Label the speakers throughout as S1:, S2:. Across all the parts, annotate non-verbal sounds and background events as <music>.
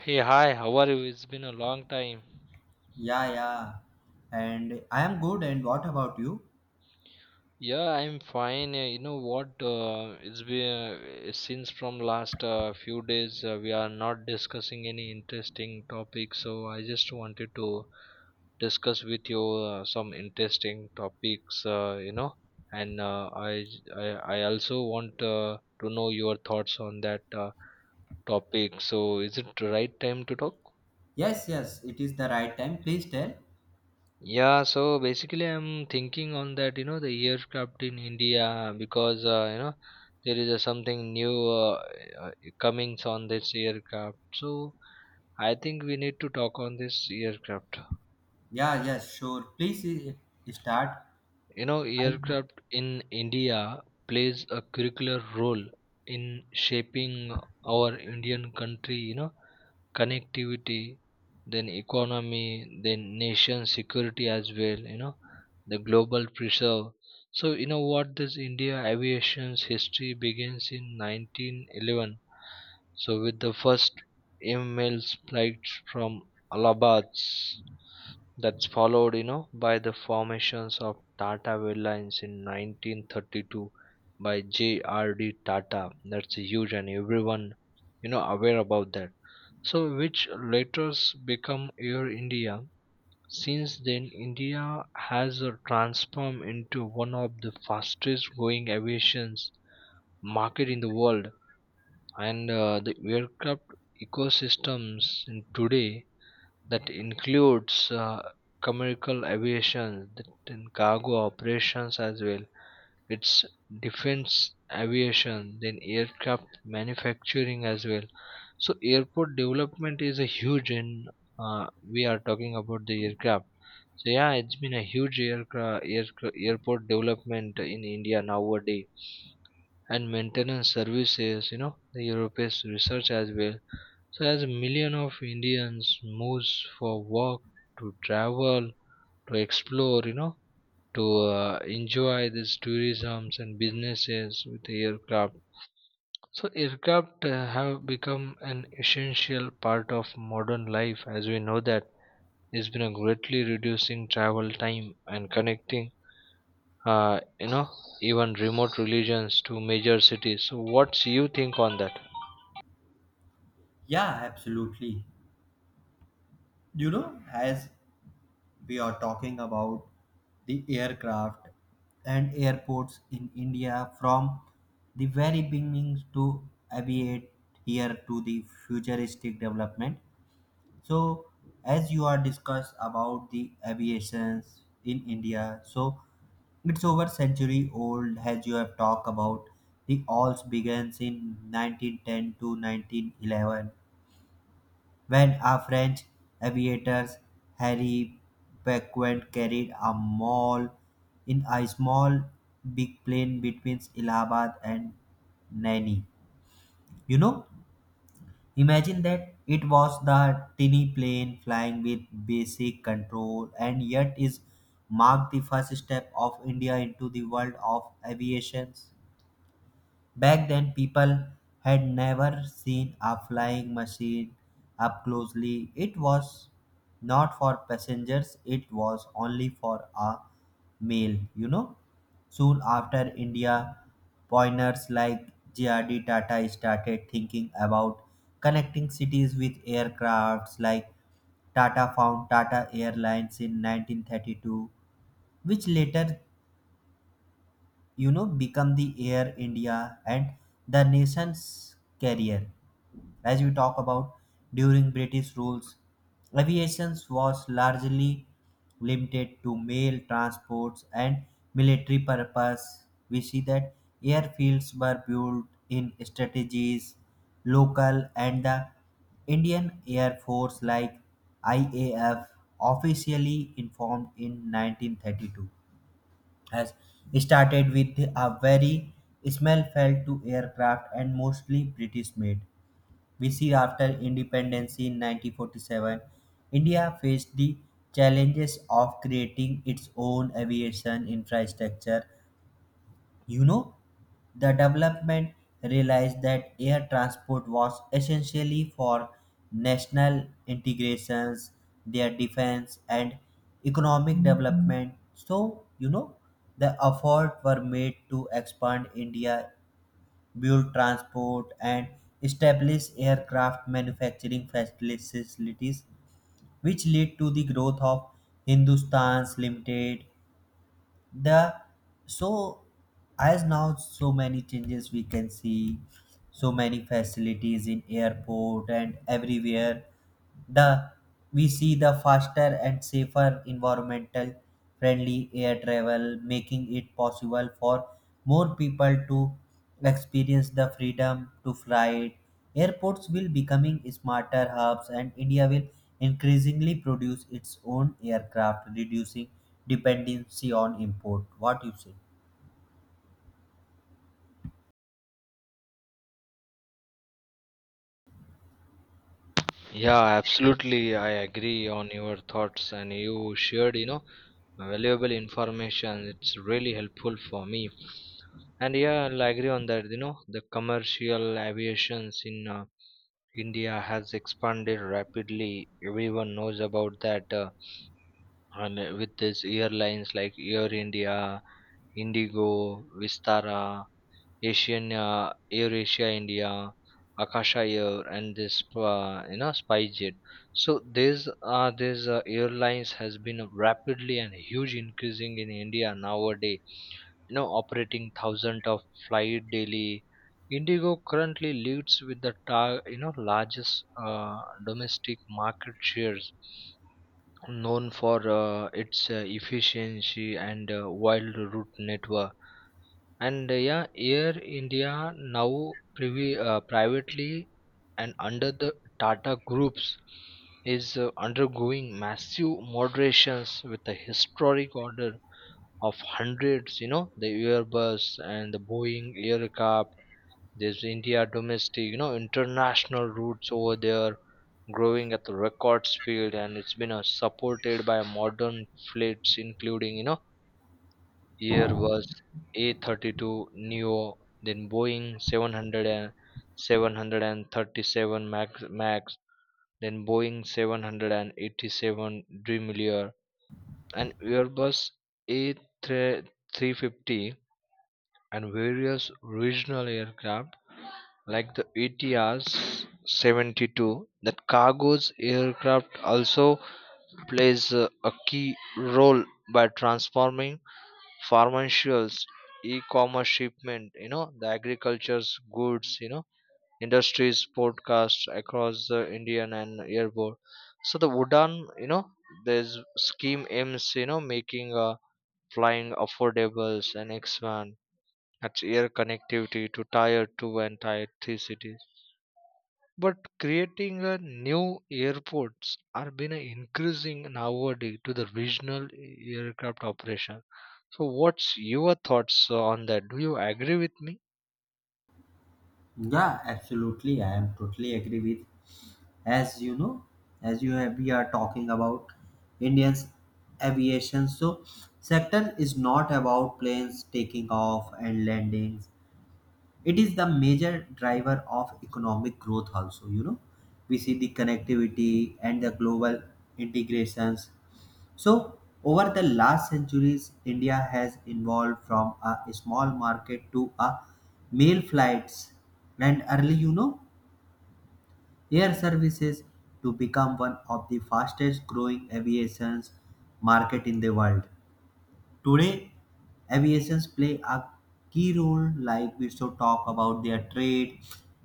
S1: Hey, hi, how are you? It's been a long time.
S2: Yeah, yeah. And I am good. And what about you?
S1: Yeah, I'm fine. You know what? It's been since from last few days we are not discussing any interesting topic, so I just wanted to discuss with you some interesting topics, and I I also want to know your thoughts on that topic. So, is it the right time to talk?
S2: Yes, yes, it is the right time. Please tell.
S1: Yeah, so basically, I'm thinking on that, the aircraft in India, because there is a something new uh, comings on this aircraft. So I think we need to talk on this aircraft.
S2: Yeah, yes, sure. Please start.
S1: You know,
S2: I,
S1: aircraft in India plays a curricular role in shaping our Indian country: connectivity, then economy, then nation security as well, the global preserve. So, you know what, this India aviation's history begins in 1911. So, with the first ML's flights from Allahabad, that's followed by the formations of Tata Airlines in 1932 by JRD Tata. That's huge, and everyone aware about that. So which later become Air India. Since then, India has transformed into one of the fastest growing aviation market in the world, and the aircraft ecosystems in today that includes commercial aviation, that in cargo operations as well. It's defense aviation, then aircraft manufacturing as well. So airport development is a huge in uh, we are talking about the aircraft. So yeah, it's been a huge aircraft airport development in India nowadays and maintenance services, the European research as well. So as million of Indians moves for work, to travel, to explore, to enjoy these tourisms and businesses with the aircraft. So aircraft have become an essential part of modern life, as we know that it's been a greatly reducing travel time and connecting uh, you know even remote regions to major cities. So what's you think on that?
S2: yeah, absolutely. You know, as we are talking about the aircraft and airports in India from the very beginnings to aviate here to the futuristic development. So, as you are discussed about the aviations in India, so it's over century old. As you have talked about, the alls begins in 1910 to 1911 when a French aviators Harry Becquerel carried a mall in a small big plane between Allahabad and Naini. You know, imagine that it was the tiny plane flying with basic control and yet is marked the first step of India into the world of aviation. Back then, people had never seen a flying machine up closely. It was not for passengers, it was only for a mail. Soon after India, pioneers like JRD Tata started thinking about connecting cities with aircrafts like Tata found Tata Airlines in 1932, which later you know become the air india and the nation's carrier as we talk about during british rules aviation was largely limited to mail transports and military purpose. We see that airfields were built in strategies local and the indian air force like IAF officially informed in 1932 has started with a very small felt to aircraft and mostly British made. We see after independence in 1947, India faced the challenges of creating its own aviation infrastructure. You know, the development realized that air transport was essentially for national integrations, their defense, and economic development. So, you know, the efforts were made to expand India, build transport, and establish aircraft manufacturing facilities, which led to the growth of Hindustan Limited. The so As now so many changes we can see, so many facilities in airport and everywhere, the we see the faster and safer environmental friendly air travel making it possible for more people to experience the freedom to fly. Airports will becoming smarter hubs and india will increasingly produce its own aircraft reducing dependency on import. What you say?
S1: Yeah, absolutely. I agree on your thoughts, and you shared, valuable information. It's really helpful for me. And yeah, I'll agree on that. The commercial aviations in India has expanded rapidly. Everyone knows about that. And with these airlines like Air India, Indigo, Vistara, Asian, Air Asia India, Akasha Air, and this SpiceJet. So these airlines has been rapidly and huge increasing in India nowadays. Operating thousand of flight daily. Indigo currently leads with the largest domestic market shares, known for its efficiency and wide route network. And yeah, Air India now privately and under the Tata groups is undergoing massive moderations with a historic order of hundreds, the Airbus and the Boeing aircraft. There's India domestic, international routes over there growing at the record speed, and it's been supported by modern fleets including year was A32 Neo, then Boeing 700 and 737 Max, then Boeing 787 Dreamliner, and Airbus A350, and various regional aircraft like the ATRs 72. That cargo's aircraft also plays a key role by transforming pharmaceuticals, e-commerce shipment, the agriculture's goods, industries podcasts across the Indian and airport. So the Udan, you know this scheme aims, making flying affordables and expand its air connectivity to tier 2 and tier 3 cities, but creating a new airports are being increasing nowadays to the regional aircraft operation. So, what's your thoughts on that? Do you agree with me?
S2: Yeah, absolutely. I am totally agree with. As you know, as you have, we are talking about Indian's aviation. So sector is not about planes taking off and landings. It is the major driver of economic growth also, you know. We see the connectivity and the global integrations. So, over the last centuries, India has evolved from a small market to a mail flights and early, you know, air services to become one of the fastest growing aviations market in the world. Today, aviations play a key role like we should talk about their trade,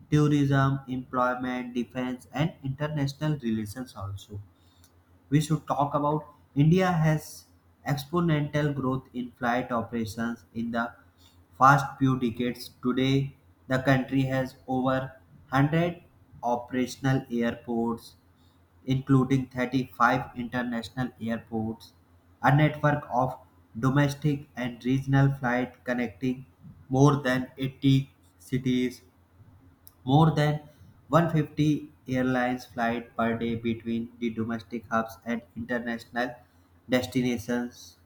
S2: tourism, employment, defense and international relations also. We should talk about India has exponential growth in flight operations in the past few decades. Today, the country has over 100 operational airports, including 35 international airports, a network of domestic and regional flight connecting more than 80 cities, more than 150 airlines flight per day between the domestic hubs and international destinations,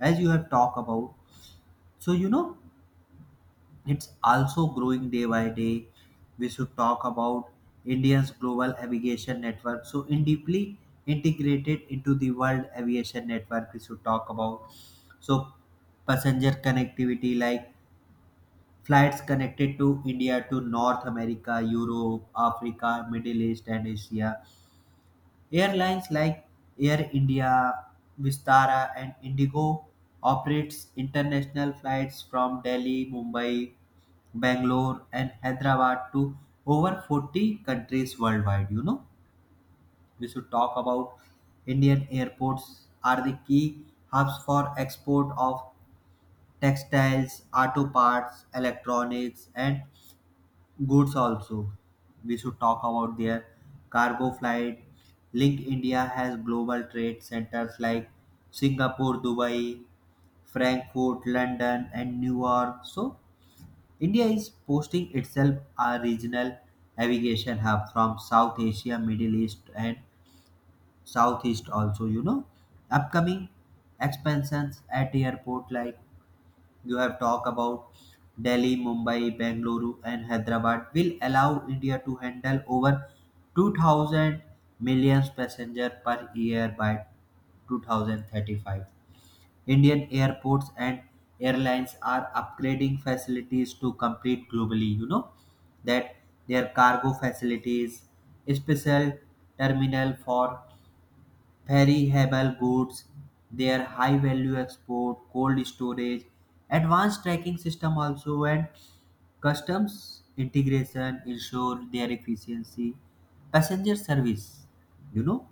S2: as you have talked about. So you know it's also growing day by day. We should talk about India's global aviation network. So in deeply integrated into the world aviation network, we should talk about so passenger connectivity like flights connected to India to North America, Europe, Africa, Middle East, and Asia. Airlines like Air India, Vistara, and Indigo operates international flights from Delhi, Mumbai, Bangalore, and Hyderabad to over 40 countries worldwide. You know, we should talk about Indian airports are the key hubs for export of textiles, auto parts, electronics, and goods also. We should talk about their cargo flight. Link India has global trade centers like Singapore, Dubai, Frankfurt, London, and New York. So, India is posting itself a regional navigation hub from South Asia, Middle East, and Southeast also. You know, upcoming expansions at airport like you have talked about Delhi, Mumbai, Bengaluru, and Hyderabad, will allow India to handle over 2,000 million passengers per year by 2035. Indian airports and airlines are upgrading facilities to compete globally. You know that their cargo facilities, special terminal for perishable goods, their high value export, cold storage, advanced tracking system also, and customs integration ensure their efficiency. Passenger service, you know,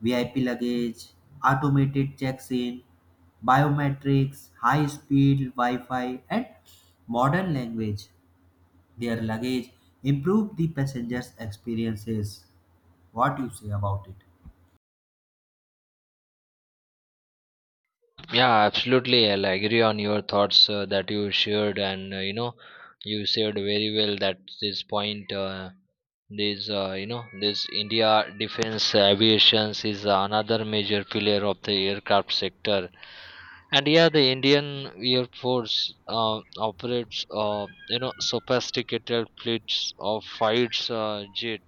S2: VIP luggage, automated checks-in, biometrics, high-speed Wi-Fi, and modern language. Their luggage improve the passengers' experiences. What you say about it?
S1: Yeah, absolutely. I'll agree on your thoughts that you shared, and you shared very well that this point. This India defense aviations is another major pillar of the aircraft sector. And yeah, the Indian Air Force operates, sophisticated fleets of fighter jets,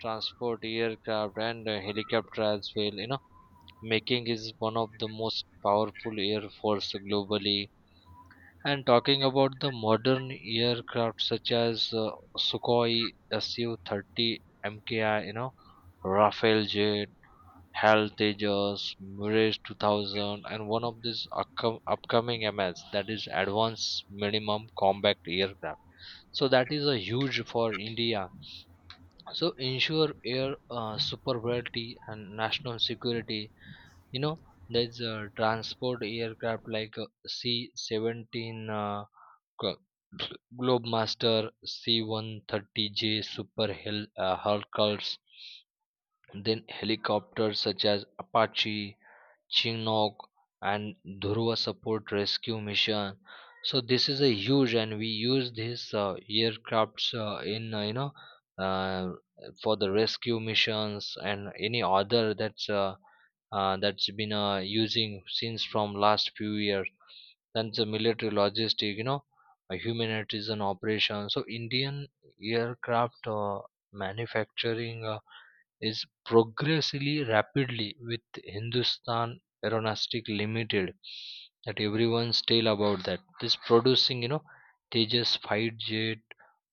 S1: transport aircraft, and helicopter as well, making is one of the most powerful air force globally. And talking about the modern aircraft such as Sukhoi Su-30 MKI, Rafale jet, HAL Tejas, Mirage 2000, and one of these upcoming MS, that is advanced minimum combat aircraft. So that is a huge for India, so ensure air superiority and national security. You know there's a transport aircraft like c-17, Glo- globemaster, c-130j super hercules, then helicopters such as Apache, Chinook, and Dhruva support rescue mission. So this is a huge, and we use these aircrafts in uh, for the rescue missions and any other that's been using since from last few years. Then the military logistic, a humanitarian operation. So Indian aircraft manufacturing is progressively rapidly with Hindustan Aeronastic Limited, that everyone's tale about that this producing, Tejas fight jet,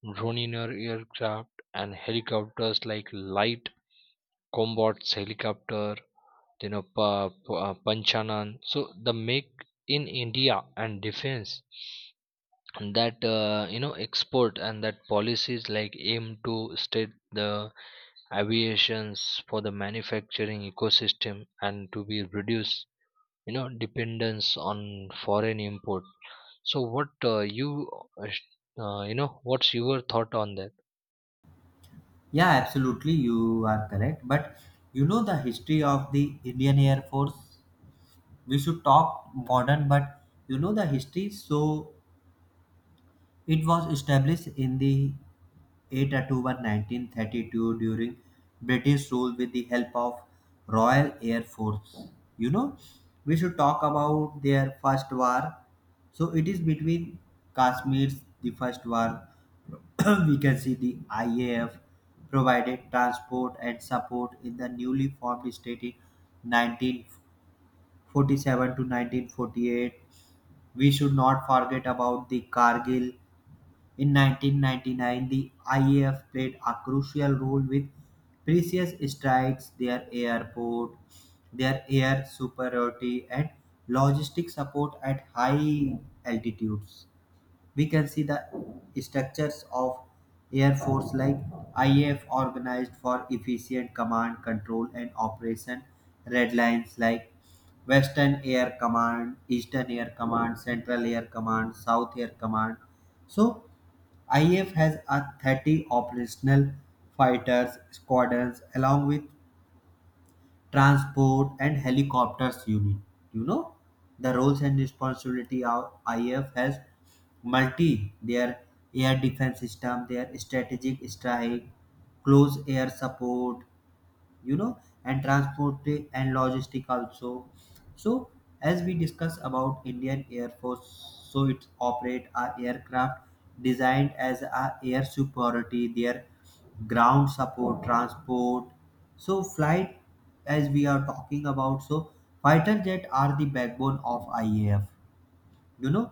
S1: Droniner aircraft, and helicopters like light combat helicopter, Panchanan. So the Make in India and defense, and that export and that policies like aim to state the aviations for the manufacturing ecosystem and to be reduce, dependence on foreign import. So what you sh- you know what's your thought on that?
S2: Yeah, absolutely, you are correct. But you know the history of the Indian Air Force. We should talk modern, but you know the history. So it was established in the 8th October 1932 during British rule with the help of Royal Air Force. You know, we should talk about their first war. So it is between Kashmir's the first war. <clears throat> We can see the IAF provided transport and support in the newly formed state in 1947 to 1948. We should not forget about the Kargil in 1999, the IAF played a crucial role with previous strikes, their airport, their air superiority, and logistic support at high altitudes. We can see the structures of Air Force like IAF organized for efficient command, control, and operation. Red lines like Western Air Command, Eastern Air Command, Central Air Command, South Air Command. So IF has a 30 operational fighters squadrons along with transport and helicopters unit. You know the roles and responsibility of IF has multi their air defense system, their strategic strike, close air support, you know, and transport and logistic also. So as we discuss about indian air force, so it operate a aircraft designed as a air superiority, their ground support transport. So flight, as we are talking about, so fighter jet are the backbone of IAF. You know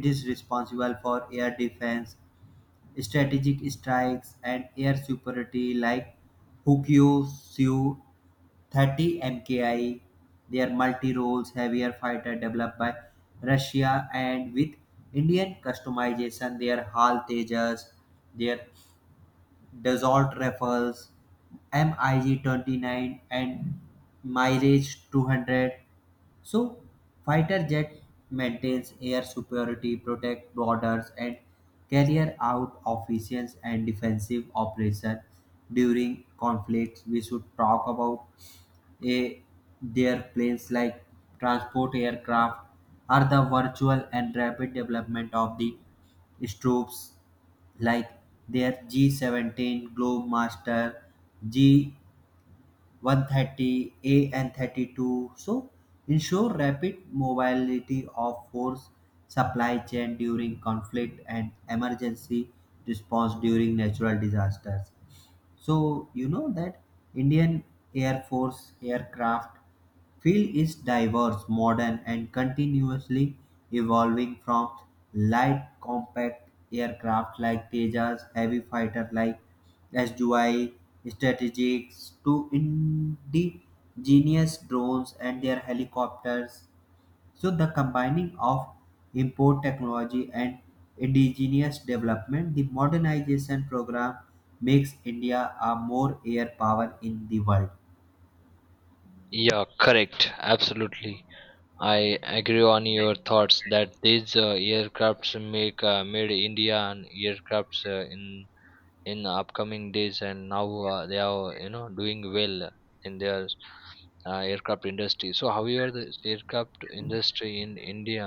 S2: it is responsible for air defense, strategic strikes and air superiority like Hukyu, Siu 30 MKI. Their multi-roles heavier fighter developed by Russia and with Indian customization, their HAL Tejas, their Dassault Rifles, MiG 29 and Mirage 200. So, fighter jet maintains air superiority, protect borders, and carry out offensive and defensive operations during conflicts. We should talk about a, their planes like transport aircraft are the virtual and rapid development of the troops like their G-17 Globemaster, G-130, AN-32. So ensure rapid mobility of force supply chain during conflict and emergency response during natural disasters. So, you know that Indian Air Force aircraft field is diverse, modern, and continuously evolving from light compact aircraft like Tejas, heavy fighter like SDI, strategics to indigenous drones and their helicopters. So the combining of import technology and indigenous development, the modernization program makes India a more air power in the world.
S1: Yeah, correct, absolutely. I agree on your thoughts that these aircrafts make made India, and aircrafts in upcoming days and now they are doing well in their aircraft industry. So however the aircraft industry in India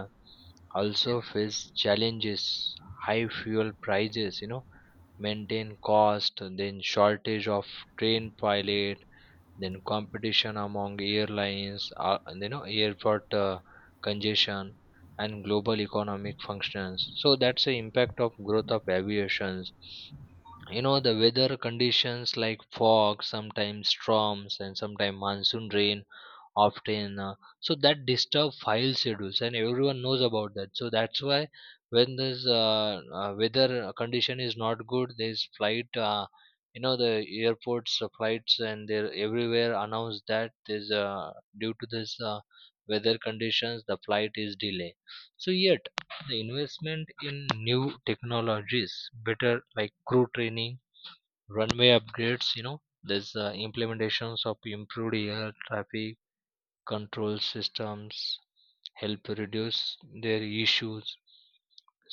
S1: also face challenges: high fuel prices, maintain cost, then shortage of train pilot, then competition among airlines, and, airport congestion, and global economic functions. So that's the impact of growth of aviations. The weather conditions like fog, sometimes storms, and sometimes monsoon rain often so that disturb file schedules, and everyone knows about that. So that's why when this weather condition is not good, there's flight, the airports flights, and they're everywhere announce that there's due to this weather conditions the flight is delayed. So yet the investment in new technologies, better like crew training, runway upgrades, there's implementations of improved air traffic control systems help reduce their issues.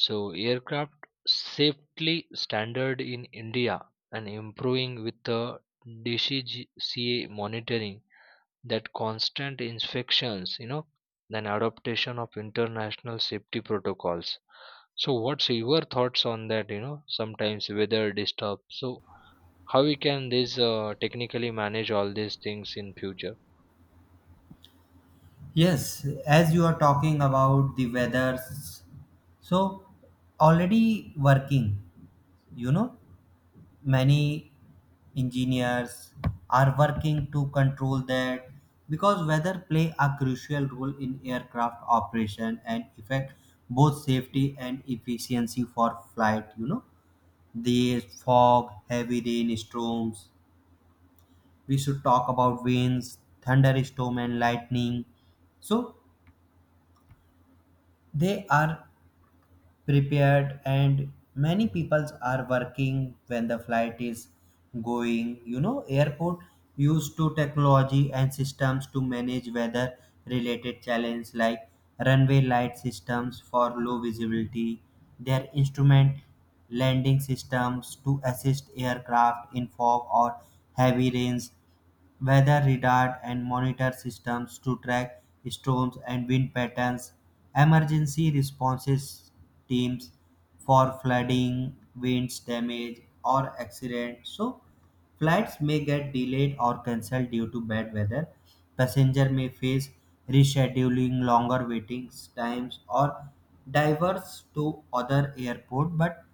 S1: So aircraft safety standard in India and improving with the DCCA monitoring, that constant inspections, and adaptation of international safety protocols. So what's your thoughts on that? Sometimes weather disturbs, so how we can this technically manage all these things in future?
S2: Yes, as you are talking about the weathers, so already working, you know, many engineers are working to control that because weather play a crucial role in aircraft operation and affect both safety and efficiency for flight. You know the fog, heavy rain, storms. We should talk about winds, thunderstorm and lightning. So they are prepared and many people are working when the flight is going. You know airport used to technology and systems to manage weather related challenge like runway light systems for low visibility, their instrument landing systems to assist aircraft in fog or heavy rains, weather radar and monitor systems to track storms and wind patterns, emergency responses teams for flooding, winds damage, or accident. So, flights may get delayed or cancelled due to bad weather. Passenger may face rescheduling, longer waiting times, or diverse to other airport. But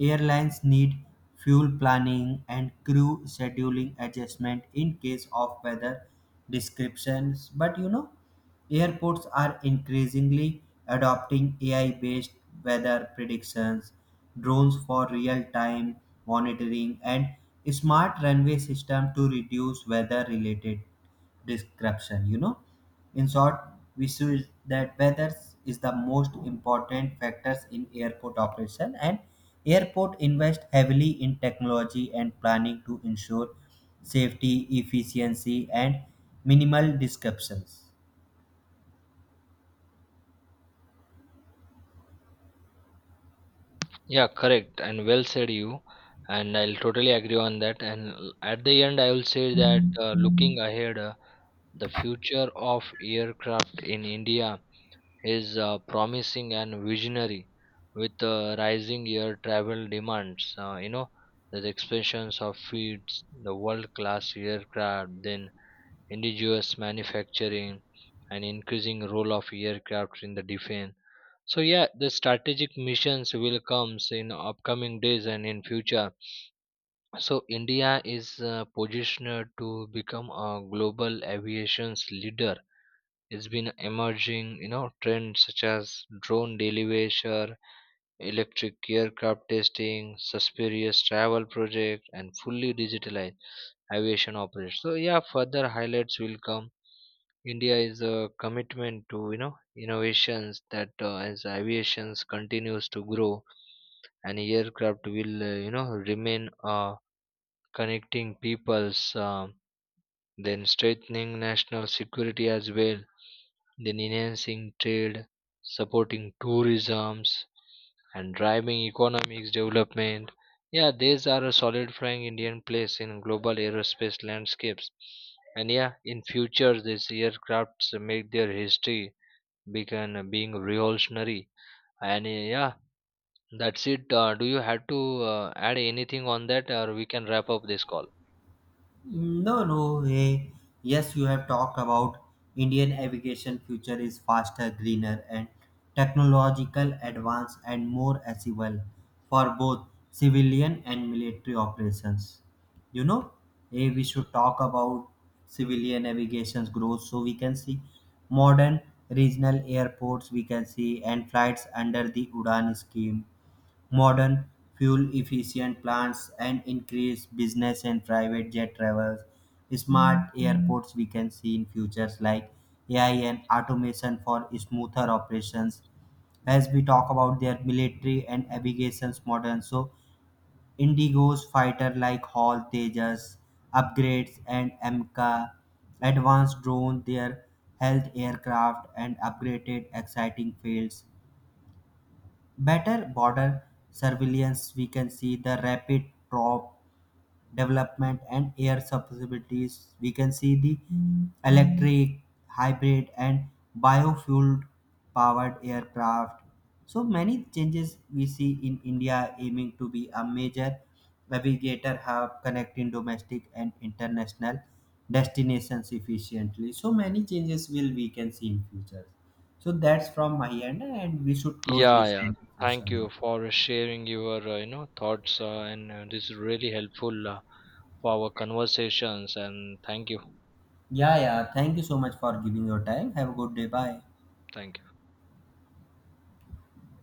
S2: airlines need fuel planning and crew scheduling adjustment in case of weather descriptions. But you know, airports are increasingly adopting AI based weather predictions, drones for real time monitoring, and smart runway system to reduce weather related description. You know, in short, we should that weather is the most important factors in airport operation and airport invest heavily in technology and planning to ensure safety efficiency and minimal disruptions.
S1: Yeah, correct, and well said, you, and I'll totally agree on that. And at the end I will say that looking ahead, the future of aircraft in India is promising and visionary with rising air travel demands, the expansions of feeds, the world class aircraft, then indigenous manufacturing, and increasing role of aircraft in the defense. So yeah, the strategic missions will comes in upcoming days and in future. So India is positioned to become a global aviation's leader. It's been emerging, trends such as drone delivery, electric aircraft testing, suspicious travel project, and fully digitalized aviation operations. So yeah, further highlights will come. India is a commitment to innovations that as aviation continues to grow, and aircraft will remain connecting peoples, then strengthening national security as well, then enhancing trade, supporting tourisms, and driving economics development. Yeah, these are a solid frank Indian place in global aerospace landscapes. And yeah, in future these aircrafts make their history begin being revolutionary. And yeah, that's it. Do you have to add anything on that, or we can wrap up this call?
S2: No, no, hey. Yes, you have talked about Indian aviation future is faster, greener, and technological advance and more accessible for both civilian and military operations. You know, hey, we should talk about civilian aviation's growth so we can see modern regional airports we can see and flights under the Udan scheme. Modern, fuel-efficient plants and increased business and private jet travels. Smart airports we can see in futures like AI and automation for smoother operations. As we talk about their military and aviation's modern, so Indigo's fighter like Hall Tejas upgrades and MCA advanced drone, their health aircraft and upgraded exciting fields, better border surveillance, we can see the rapid drop development and air possibilities. We can see the electric, hybrid, and biofuel powered aircraft. So many changes we see in India aiming to be a major navigator hub connecting domestic and international destinations efficiently. So many changes will we can see in future. So that's from my end and we should close
S1: Yeah,
S2: this
S1: yeah. Thank
S2: conversation.
S1: you for sharing your, thoughts, and this is really helpful for our conversations. And thank you,
S2: Yeah, yeah. Thank you so much for giving your time. Have a good day. Bye.
S1: thank you.